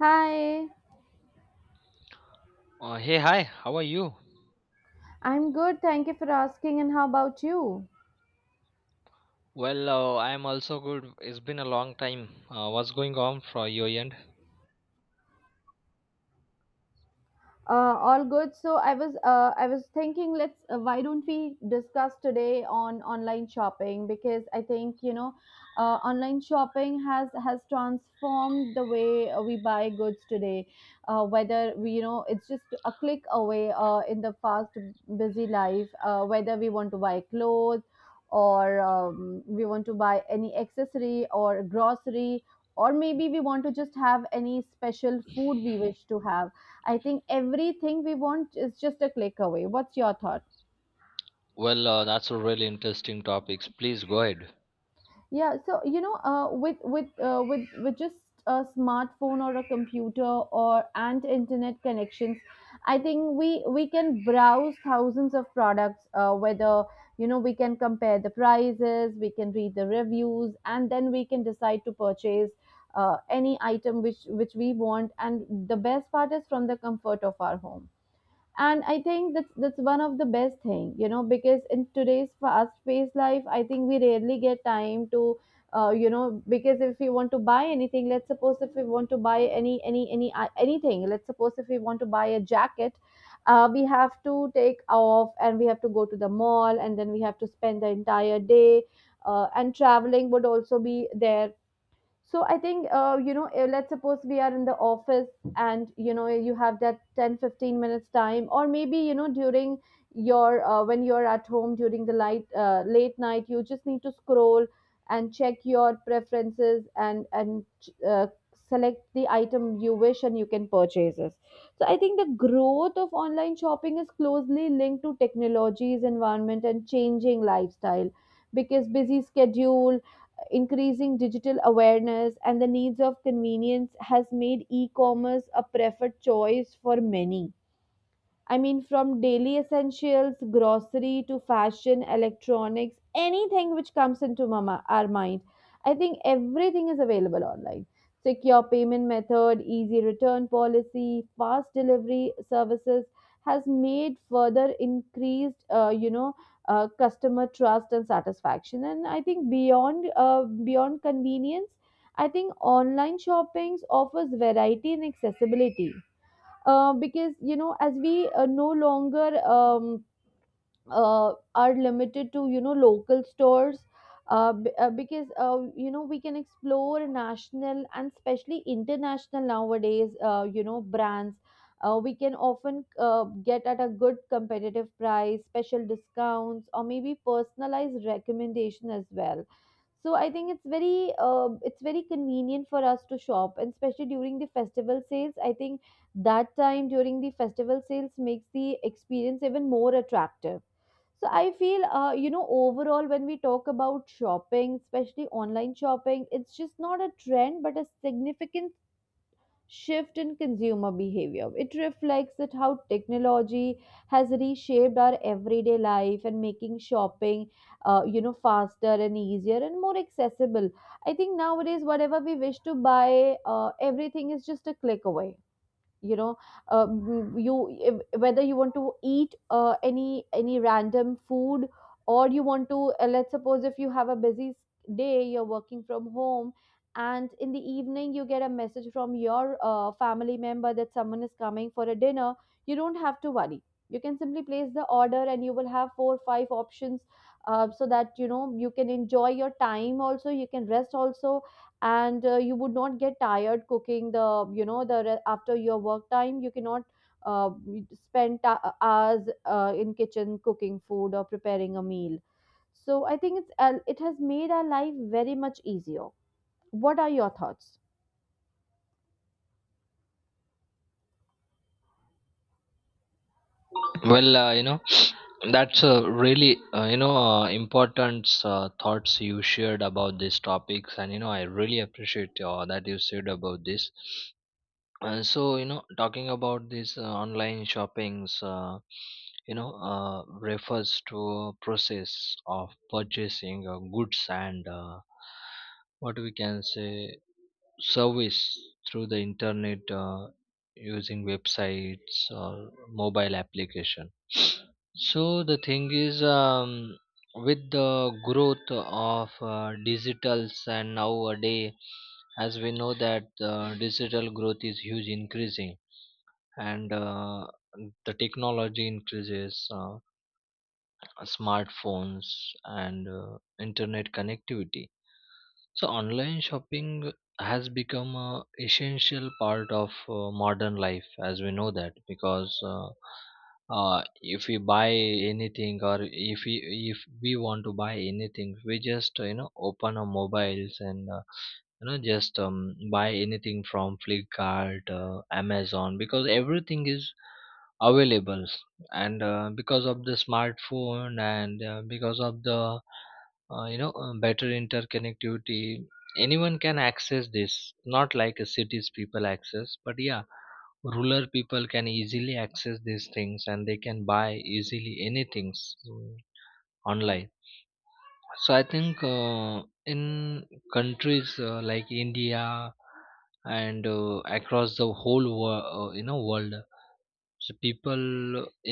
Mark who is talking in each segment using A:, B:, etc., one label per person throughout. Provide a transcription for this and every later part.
A: Hi,
B: Hey, hi, how are you?
A: I'm good. Thank you for asking. And how about you?
B: Well, I am also good. It's been a long time. What's going on for your end?
A: All good. So I was thinking. Let's Why don't we discuss today on online shopping, because I think online shopping has transformed the way we buy goods today. Whether we, it's just a click away, in the fast busy life. Whether we want to buy clothes, or we want to buy any accessory or grocery, or maybe we want to just have any special food we wish to have. I think everything we want is just a click away. What's your thought?
B: Well, that's a really interesting topics. Please go ahead.
A: Yeah, so with just a smartphone or a computer or and internet connections, I think we can browse thousands of products. Whether we can compare the prices, we can read the reviews, and then we can decide to purchase any item which we want. And the best part is from the comfort of our home. And I think that's one of the best thing, because in today's fast paced life, I think we rarely get time to, because if we want to buy anything, let's suppose if we want to buy anything. Let's suppose if we want to buy a jacket, we have to take off and we have to go to the mall, and then we have to spend the entire day, and traveling would also be there. So I think, let's suppose we are in the office and you know you have that 10, 15 minutes time, or maybe during your, when you're at home during the light late night, you just need to scroll and check your preferences and uh, select the item you wish, and you can purchase it. So I think the growth of online shopping is closely linked to technology's environment and changing lifestyle, because busy schedule, increasing digital awareness, and the needs of convenience has made e-commerce a preferred choice for many. I mean, from daily essentials, grocery, to fashion, electronics, anything which comes into mama, our mind. I think everything is available online. Secure payment method, easy return policy, fast delivery services has made further increased, customer trust and satisfaction. And I think beyond convenience, I think online shoppings offers variety and accessibility, because you know as we no longer, are limited to local stores, because we can explore national and especially international nowadays, brands. We can often get at a good competitive price, special discounts, or maybe personalized recommendation as well. So I think it's very convenient for us to shop, and especially during the festival sales, I think that time during the festival sales makes the experience even more attractive. So I feel, overall, when we talk about shopping, especially online shopping, it's just not a trend, but a significant shift in consumer behavior. It reflects that how technology has reshaped our everyday life and making shopping, faster and easier and more accessible. I think nowadays, whatever we wish to buy, everything is just a click away. You know you if- Whether you want to eat any random food, or you want to, let's suppose if you have a busy day, you're working from home, and in the evening you get a message from your family member that someone is coming for a dinner. You don't have to worry. You can simply place the order, and you will have four five options, so that you know you can enjoy your time also, you can rest also, and you would not get tired cooking the, after your work time you cannot uh, spend hours in kitchen cooking food or preparing a meal. So I think it has made our life very much easier. What are your thoughts?
B: Well, you know, that's a really important thoughts you shared about these topics, and I really appreciate that you said about this. So you know, talking about this online shoppings, refers to a process of purchasing goods and what we can say service through the internet using websites or mobile application. So the thing is, with the growth of digitals, and nowadays, as we know that digital growth is huge increasing, and the technology increases, smartphones and internet connectivity. So online shopping has become a essential part of modern life, as we know, that because if we buy anything, or if we want to buy anything, we just you know, open our mobiles and just buy anything from Flipkart, Amazon, because everything is available. And because of the smartphone, and because of the better interconnectivity, anyone can access this, not like a cities people access, but yeah, rural people can easily access these things and they can buy easily anything, mm, online. So I think in countries like India, and across the whole you know, world, so people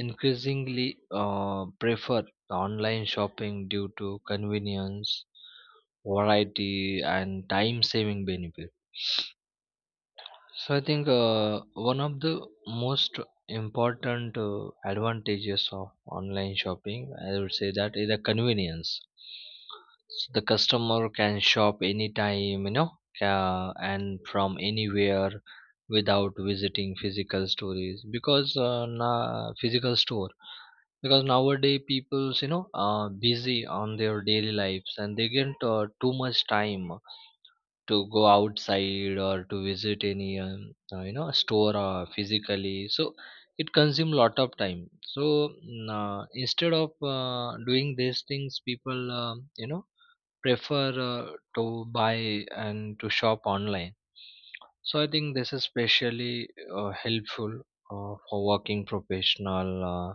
B: increasingly prefer online shopping due to convenience, variety, and time-saving benefit. So I think one of the most important advantages of online shopping, I would say that is the convenience. So the customer can shop anytime, you know, and from anywhere without visiting physical stores, because physical store, because nowadays people's, you know, busy on their daily lives, and they get too much time to go outside or to visit any you know, store physically, so it consumes lot of time. So instead of doing these things, people, you know, prefer to buy and to shop online. So I think this is especially helpful for working professional, uh,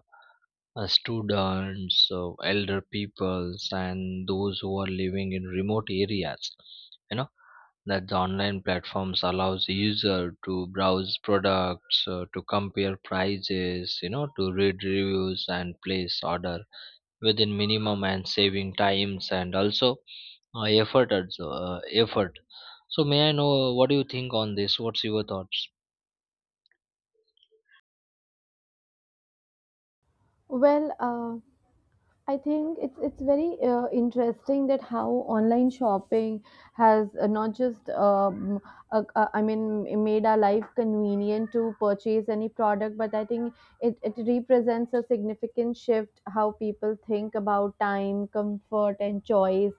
B: uh, students, elder peoples, and those who are living in remote areas, you know, that the online platforms allows user to browse products, to compare prices, you know, to read reviews and place order within minimum and saving times, and also uh, effort as- uh, effort. So may I know what do you think on this? What's your thoughts?
A: Well, I think it's very interesting that how online shopping has not just, I mean, made our life convenient to purchase any product, but I think it represents a significant shift how people think about time, comfort, and choice.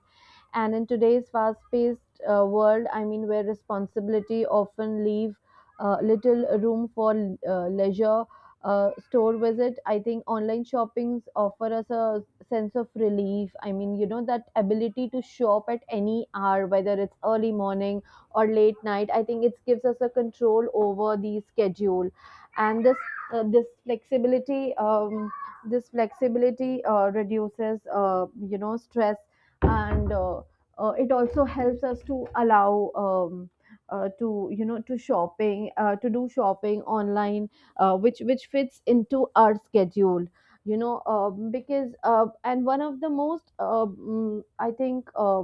A: And in today's fast-paced world, I mean where responsibility often leave little room for leisure, store visit. I think online shoppings offer us a sense of relief. I mean, that ability to show up at any hour, whether it's early morning or late night, I think it gives us a control over the schedule. And uh, this flexibility um, this flexibility reduces, stress, and it also helps us to allow, to you know to shopping to do shopping online, which fits into our schedule, because. And one of the most, I think,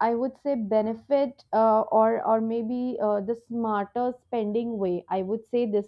A: I would say, benefit, or maybe the smarter spending way. I would say this,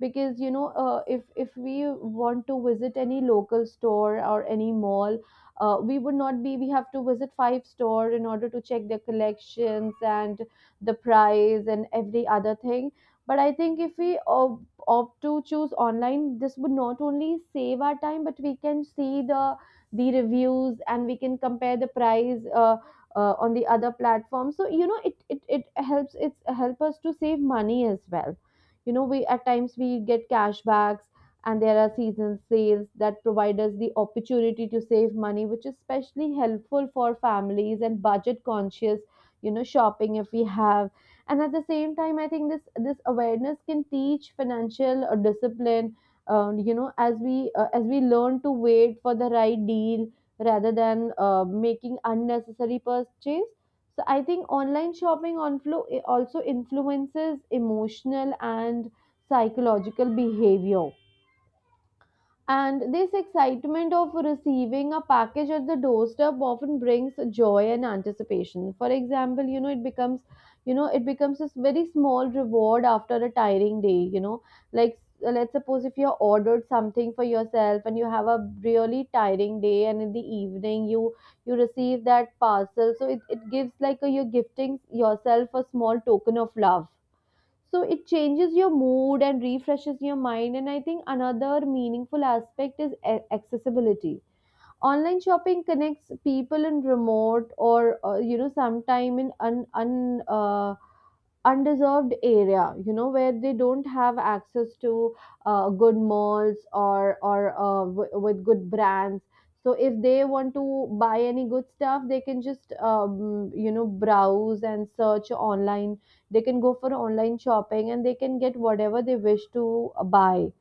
A: because if we want to visit any local store or any mall, we would not be we have to visit five store in order to check their collections and the price and every other thing. But I think if we opt to choose online, this would not only save our time, but we can see the reviews and we can compare the price. On the other platform, so it helps, it's help us to save money as well. You know, we at times we get cashbacks, and there are season sales that provide us the opportunity to save money, which is especially helpful for families and budget conscious shopping if we have. And at the same time, I think this awareness can teach financial discipline. As we learn to wait for the right deal, rather than making unnecessary purchase. So I think online shopping also influences emotional and psychological behavior. And this excitement of receiving a package at the doorstep often brings joy and anticipation. For example, it becomes a very small reward after a tiring day, like let's suppose if you ordered something for yourself and you have a really tiring day, and in the evening you receive that parcel, so it gives like a, you're gifting yourself a small token of love. So it changes your mood and refreshes your mind. And I think another meaningful aspect is accessibility. Online shopping connects people in remote or sometime in un, un undeserved area, where they don't have access to good malls, or with good brands. So if they want to buy any good stuff, they can just browse and search online. They can go for online shopping and they can get whatever they wish to buy.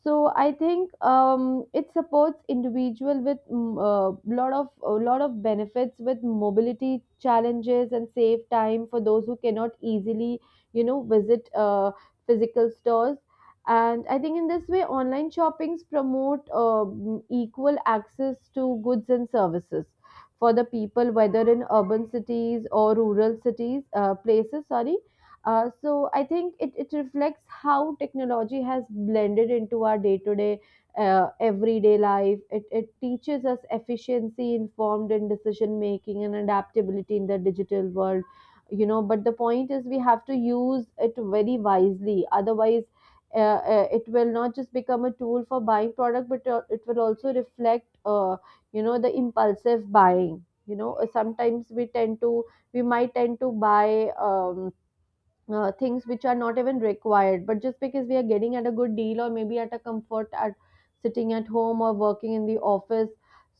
A: So I think, it supports individual with, lot of a lot of benefits with mobility challenges, and save time for those who cannot easily visit physical stores. And I think in this way, online shoppings promote equal access to goods and services for the people, whether in urban cities or rural cities places. Sorry, so I think it reflects how technology has blended into our day to day, everyday life. It teaches us efficiency, informed in decision making, and adaptability in the digital world. You know, but the point is we have to use it very wisely. Otherwise, it will not just become a tool for buying product, but it will also reflect, the impulsive buying. You know, sometimes we might tend to buy, things which are not even required, but just because we are getting at a good deal or maybe at a comfort at sitting at home or working in the office.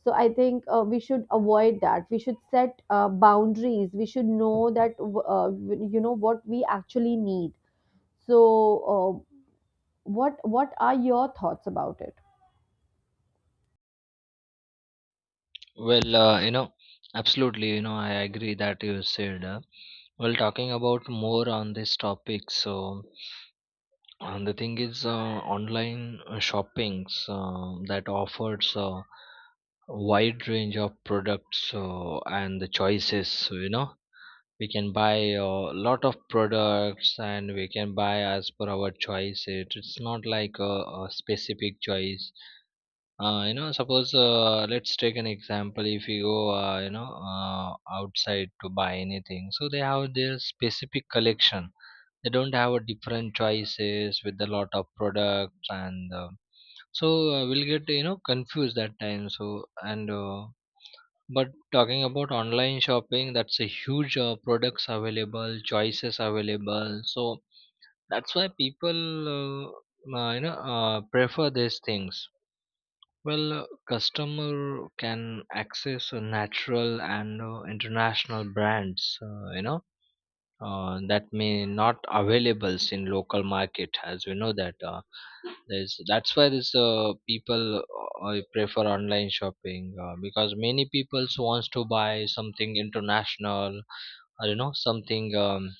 A: So I think, we should avoid that. We should set boundaries. We should know that uh, what we actually need. So uh, what are your thoughts about it?
B: Well, you know, absolutely, you know, I agree that you said. Uh, well, talking about more on this topic, so, and the thing is, online shoppings that offers wide range of products and the choices. So, you know, we can buy a lot of products and we can buy as per our choice. It's not like a specific choice. You know, suppose, let's take an example. If you go, outside to buy anything, so they have their specific collection, they don't have a different choices with a lot of products. And we'll get, you know, confused that time. So and but talking about online shopping, that's a huge products available, choices available. So that's why people, prefer these things. Well, customer can access natural and international brands. You know, that may not availables in local market, as we know that there's, that's why this people prefer online shopping, because many people wants to buy something international, or you know, something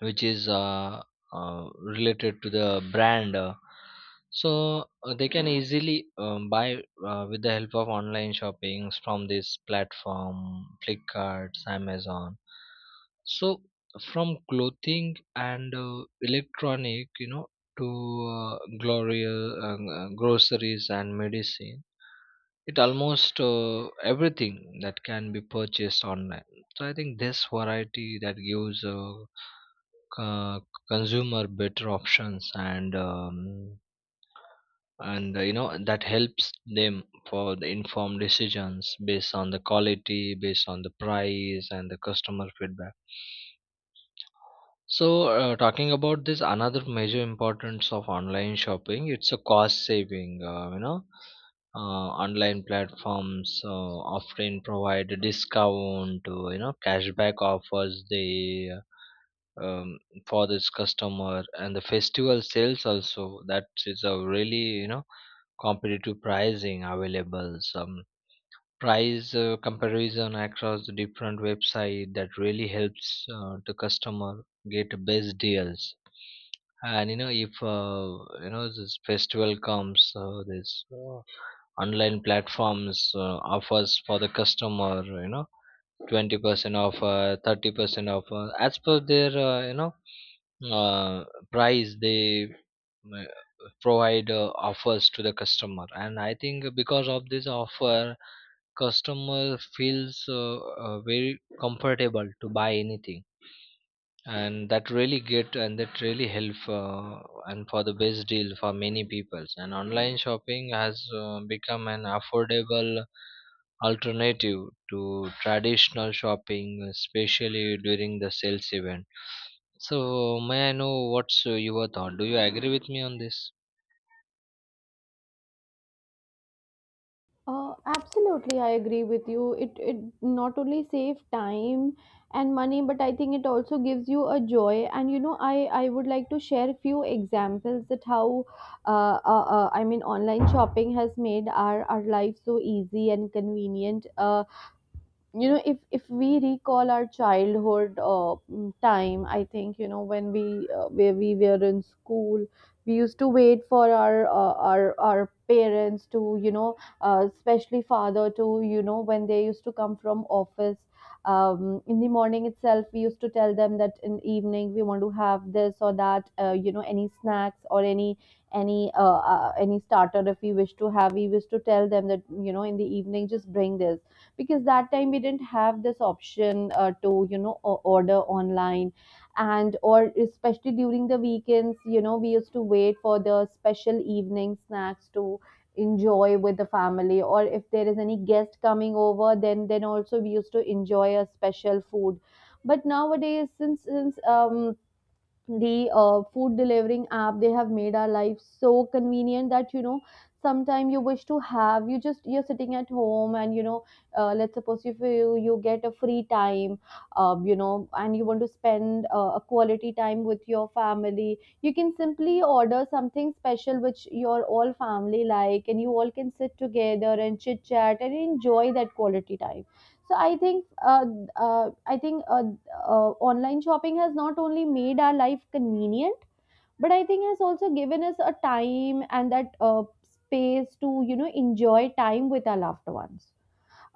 B: which is uh, related to the brand. They can easily, buy with the help of online shoppings from this platform, Flipkart, Amazon. So from clothing and electronic, you know, to glorious groceries and medicine, it almost everything that can be purchased online. So I think this variety that gives uh, consumer better options, and you know, that helps them for the informed decisions based on the quality, based on the price, and the customer feedback. So talking about this, another major importance of online shopping, it's a cost saving. You know, online platforms often provide a discount, you know, cashback offers, they, um, for this customer, and the festival sales also, that is a really, you know, competitive pricing available. Some price comparison across the different website that really helps the customer get the best deals. And you know, if you know, this festival comes, this online platforms offers for the customer, you know, 20% offer, 30% offer, as per their, uh, price, they uh, provide offers to the customer. And I think because of this offer, customer feels very comfortable to buy anything, and that really get, and that really help, and for the best deal for many peoples. And online shopping has become an affordable alternative to traditional shopping, especially during the sales event. So may I know what's your thought? Do you agree with me on this?
A: Absolutely, I agree with you. It not only save time and money, but I think it also gives you a joy. And you know, I would like to share a few examples that how, I mean, online shopping has made our life so easy and convenient. You know, if we recall our childhood time, I think, you know, when we where we were in school, we used to wait for our our parents to, you know, especially father, to, you know, when they used to come from office. In the morning itself, we used to tell them that in evening we want to have this or that, you know, any snacks or any any starter if we wish to have, we wish to tell them that, you know, in the evening just bring this, because that time we didn't have this option to, you know, order online. And or especially during the weekends, you know, we used to wait for the special evening snacks to enjoy with the family, or if there is any guest coming over, then also we used to enjoy a special food. But nowadays, since the food delivering app, they have made our life so convenient that, you know, sometimes you wish to have, you just you're sitting at home, and, you know, let's suppose if you get a free time, you know, and you want to spend a quality time with your family, you can simply order something special which your all family like, and you all can sit together and chit chat and enjoy that quality time. So I think online shopping has not only made our life convenient, but I think has also given us a time and that space to, you know, enjoy time with our loved ones.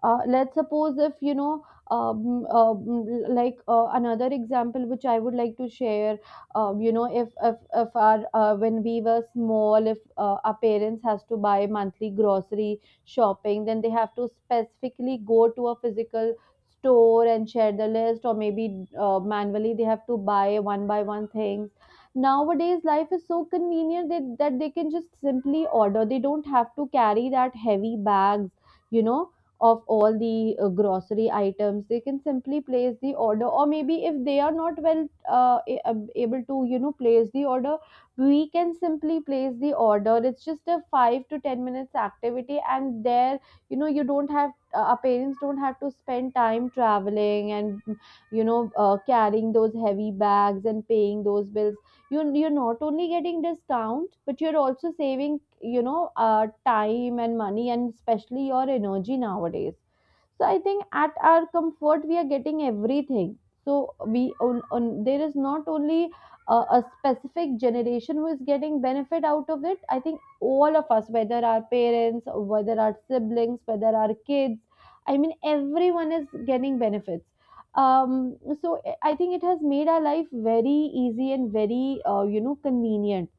A: Uh, let's suppose if you know um, um, like Another example which I would like to share. You know, if our when we were small, if our parents has to buy monthly grocery shopping, then they have to specifically go to a physical store and share the list, or maybe manually they have to buy one by one things. Nowadays life is so convenient that they can just simply order, they don't have to carry that heavy bags, you know, of all the grocery items. They can simply place the order, or maybe if they are not well, able to, you know, place the order, we can simply place the order. It's just a 5 to 10 minutes activity, and there, you know, you don't have, our parents don't have to spend time traveling and, you know, carrying those heavy bags and paying those bills. You, you're not only getting discount, but you're also saving, you know, time and money, and especially your energy nowadays. So I think at our comfort we are getting everything. So we on there is not only a specific generation who is getting benefit out of it. I think all of us, whether our parents, whether our siblings, whether our kids, I mean, everyone is getting benefits. So I think it has made our life very easy and very you know, convenient,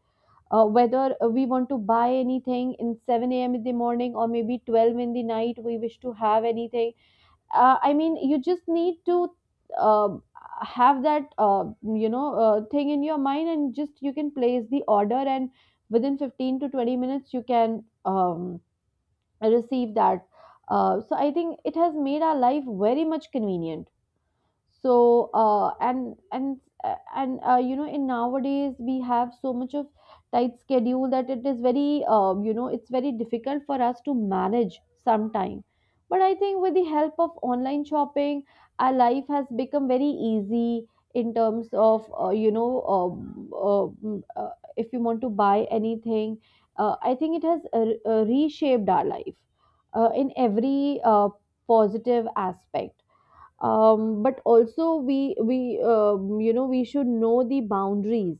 A: whether we want to buy anything in 7 a.m. in the morning, or maybe 12 in the night we wish to have anything. I mean, you just need to um have that you know, thing in your mind, and just you can place the order, and within 15 to 20 minutes you can um, receive that. So I think it has made our life very much convenient. So and you know, in nowadays we have so much of tight schedule that it is very, you know, it's very difficult for us to manage sometime. But I think with the help of online shopping, our life has become very easy in terms of if you want to buy anything. I think it has reshaped our life in every positive aspect. But also, we you know, we should know the boundaries,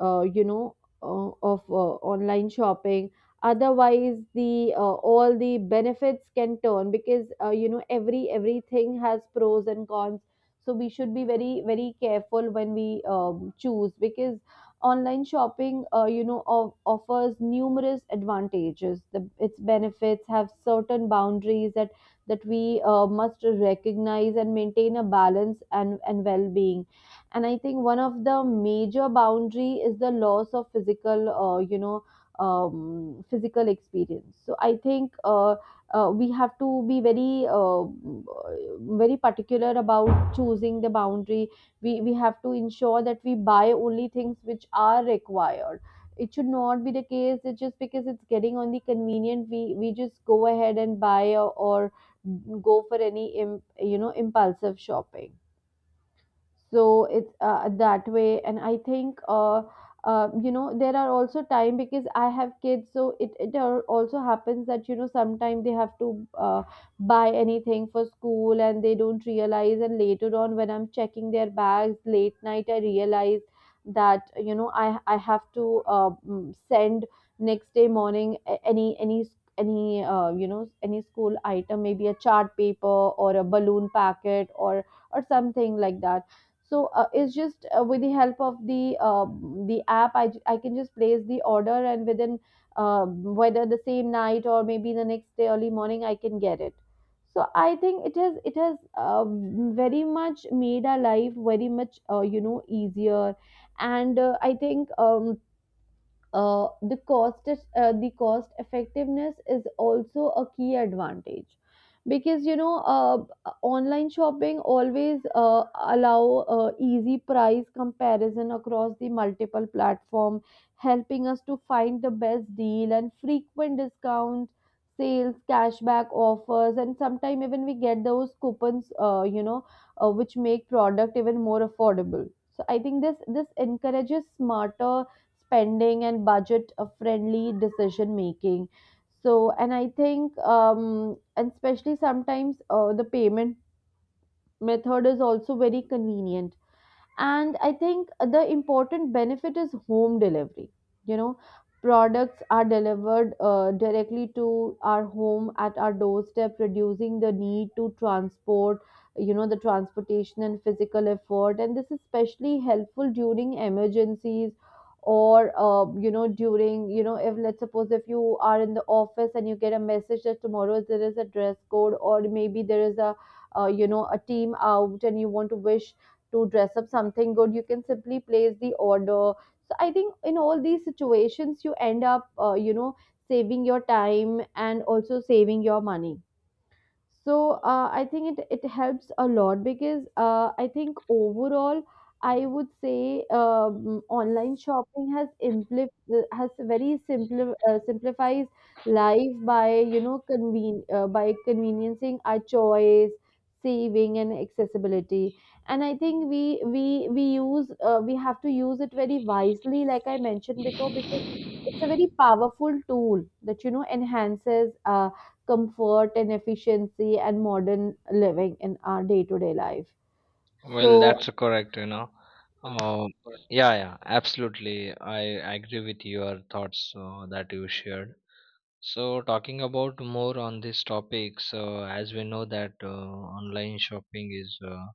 A: you know, of online shopping, otherwise the all the benefits can turn, because, you know, everything has pros and cons. So we should be very very careful when we choose, because online shopping, you know, offers numerous advantages, the, its benefits have certain boundaries that we must recognize and maintain a balance and well-being. And I think one of the major boundary is the loss of physical, physical experience. So I think we have to be very very particular about choosing the boundary. We have to ensure that we buy only things which are required. It should not be the case that just because it's getting on the convenient, we just go ahead and buy, or go for any you know, impulsive shopping. So it's that way. And I think you know, there are also time, because I have kids, so it also happens that, you know, sometimes they have to buy anything for school and they don't realize, and later on when I'm checking their bags late night, I realize that, you know, I have to send next day morning any you know, any school item, maybe a chart paper, or a balloon packet, or something like that. So it's just with the help of the app, I can just place the order, and within whether the same night or maybe the next day early morning, I can get it. So I think it has very much made our life very much you know, easier. And I think the cost the cost effectiveness is also a key advantage, because, you know, online shopping always allow easy price comparison across the multiple platform, helping us to find the best deal and frequent discounts, sales, cashback offers, and sometimes even we get those coupons, which make product even more affordable. So I think this this encourages smarter spending and budget friendly decision making. So and I think and especially sometimes the payment method is also very convenient. And I think the important benefit is home delivery. You know, products are delivered directly to our home at our doorstep, reducing the need to transport, you know, the transportation and physical effort, and this is especially helpful during emergencies, or you know, during you know, if let's suppose if you are in the office and you get a message that tomorrow there is a dress code, or maybe there is a, you know, a team out, and you want to wish to dress up something good, you can simply place the order. So I think in all these situations, you end up, you know, saving your time and also saving your money. So I think it, it helps a lot, because I think overall, I would say, online shopping has simplifies life by, you know, by conveniencing our choice, saving, and accessibility. And I think we we have to use it very wisely, like I mentioned before, because it's a very powerful tool that, you know, enhances comfort and efficiency and modern living in our day to day life.
B: Well,
A: So,
B: that's correct, you know. Uh, yeah, yeah, absolutely. I agree with your thoughts that you shared. So, talking about more on this topic, so as we know that online shopping is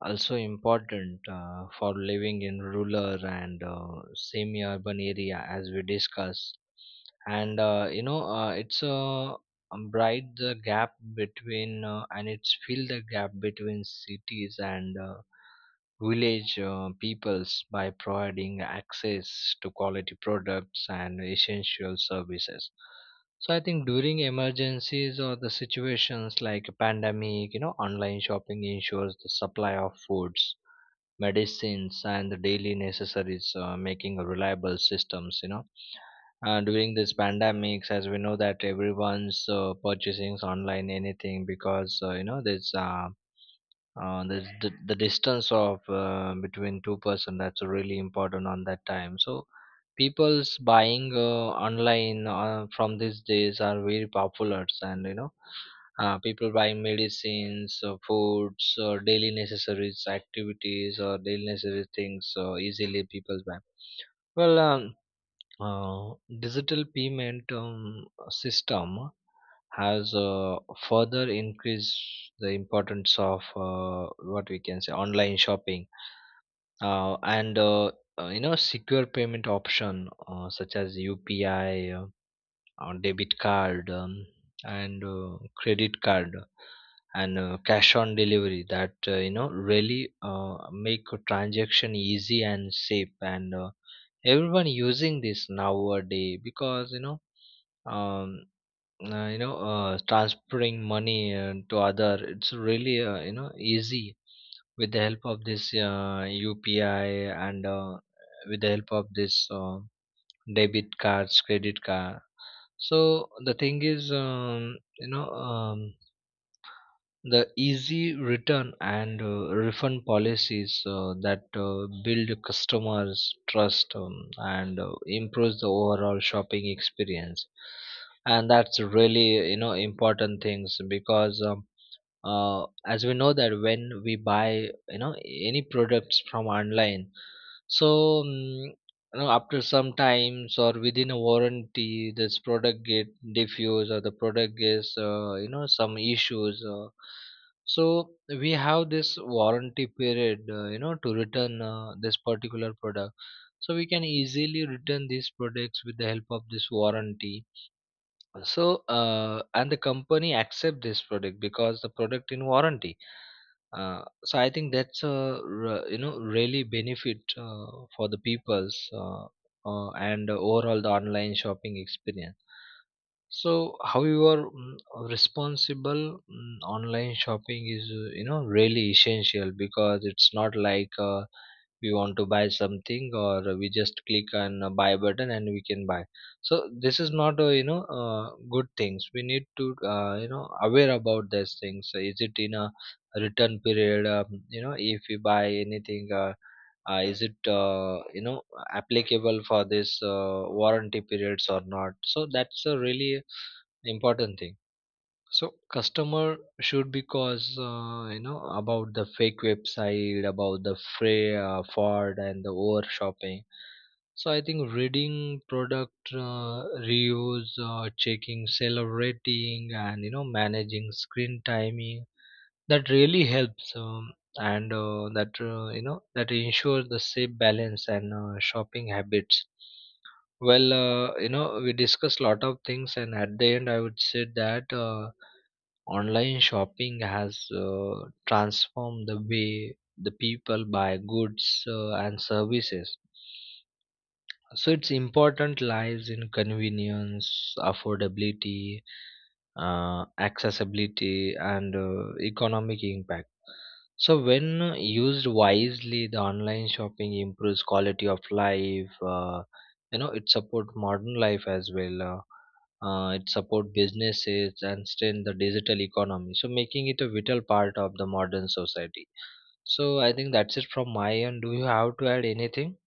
B: also important for living in rural and semi-urban area, as we discussed. And it's a bright the gap between, and it's fill the gap between cities and village peoples, by providing access to quality products and essential services. So I think during emergencies or the situations like a pandemic, you know, online shopping ensures the supply of foods, medicines, and the daily necessaries, making a reliable systems. You know, during this pandemics, as we know that everyone's purchasing online anything, because this, the distance of between two person, that's really important on that time. So people's buying online from these days are very popular. And you know, people buying medicines, foods, or daily necessities activities, or daily necessary things, so easily people buy. Well, uh, digital payment system has further increased the importance of what we can say, online shopping. And You know, secure payment option such as UPI, or debit card, and credit card, and cash on delivery, that you know, really make a transaction easy and safe. And everyone using this nowadays, because you know, um transferring money to other, it's really you know, easy with the help of this UPI, and with the help of this debit cards, credit card. So the thing is, the easy return and refund policies that build customers trust, and improves the overall shopping experience. And that's really, you know, important things, because as we know that when we buy, you know, any products from online, so, you know, after some times or within a warranty, this product get diffused, or the product gets, you know, some issues. So we have this warranty period, you know, to return this particular product. So we can easily return these products with the help of this warranty. So and the company accept this product because the product in warranty. So I think that's a really benefit for the people's, and overall the online shopping experience. So, however, responsible, online shopping is, you know, really essential, because it's not like we want to buy something, or we just click on a buy button and we can buy. So this is not, you know, good things. We need to, you know, aware about these things. So is it in a return period? You know, if we buy anything, is it you know, applicable for this warranty periods or not? So that's a really important thing. So customer should, because you know, about the fake website, about the fraud, and the over shopping. So I think reading product reviews, checking seller rating, and you know, managing screen timing, that really helps. And That you know, that ensures the safe balance and shopping habits. Well, you know, we discussed lot of things, and at the end I would say that, online shopping has transformed the way the people buy goods and services. So its important lies in convenience, affordability, accessibility, and economic impact. So when used wisely, the online shopping improves quality of life. You know, it supports modern life as well. It supports businesses and strengthen the digital economy, so making it a vital part of the modern society. So I think that's it from my end. Do you have to add anything?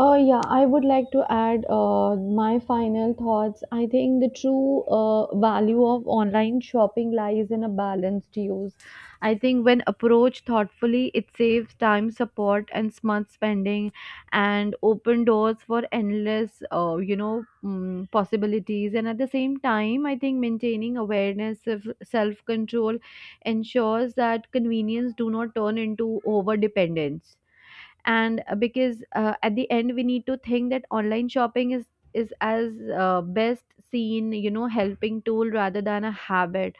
A: Yeah, I would like to add my final thoughts. I think the true value of online shopping lies in a balanced use. I think when approached thoughtfully, it saves time, support, and smart spending, and open doors for endless, possibilities. And at the same time, I think maintaining awareness, of self control, ensures that convenience do not turn into over dependence. And because at the end we need to think that online shopping is as best seen, you know, helping tool rather than a habit.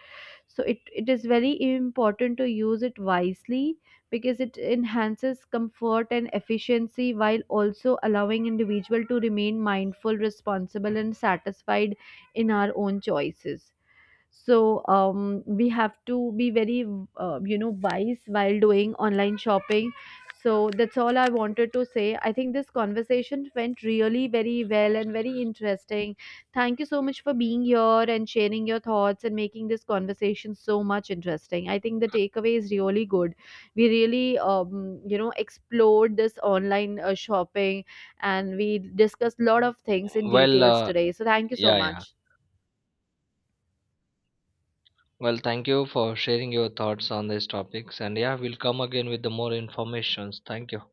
A: So it is very important to use it wisely, because it enhances comfort and efficiency while also allowing individual to remain mindful, responsible, and satisfied in our own choices. So we have to be very you know, wise while doing online shopping. So that's all I wanted to say. I think this conversation went really very well and very interesting. Thank you so much for being here and sharing your thoughts and making this conversation so much interesting. I think the takeaway is really good. We really, you know, explored this online shopping, and we discussed a lot of things in
B: Well,
A: details today. So thank you so
B: yeah, yeah.
A: much.
B: Well, thank you for sharing your thoughts on these topics. And yeah, we'll come again with the more informations. Thank you.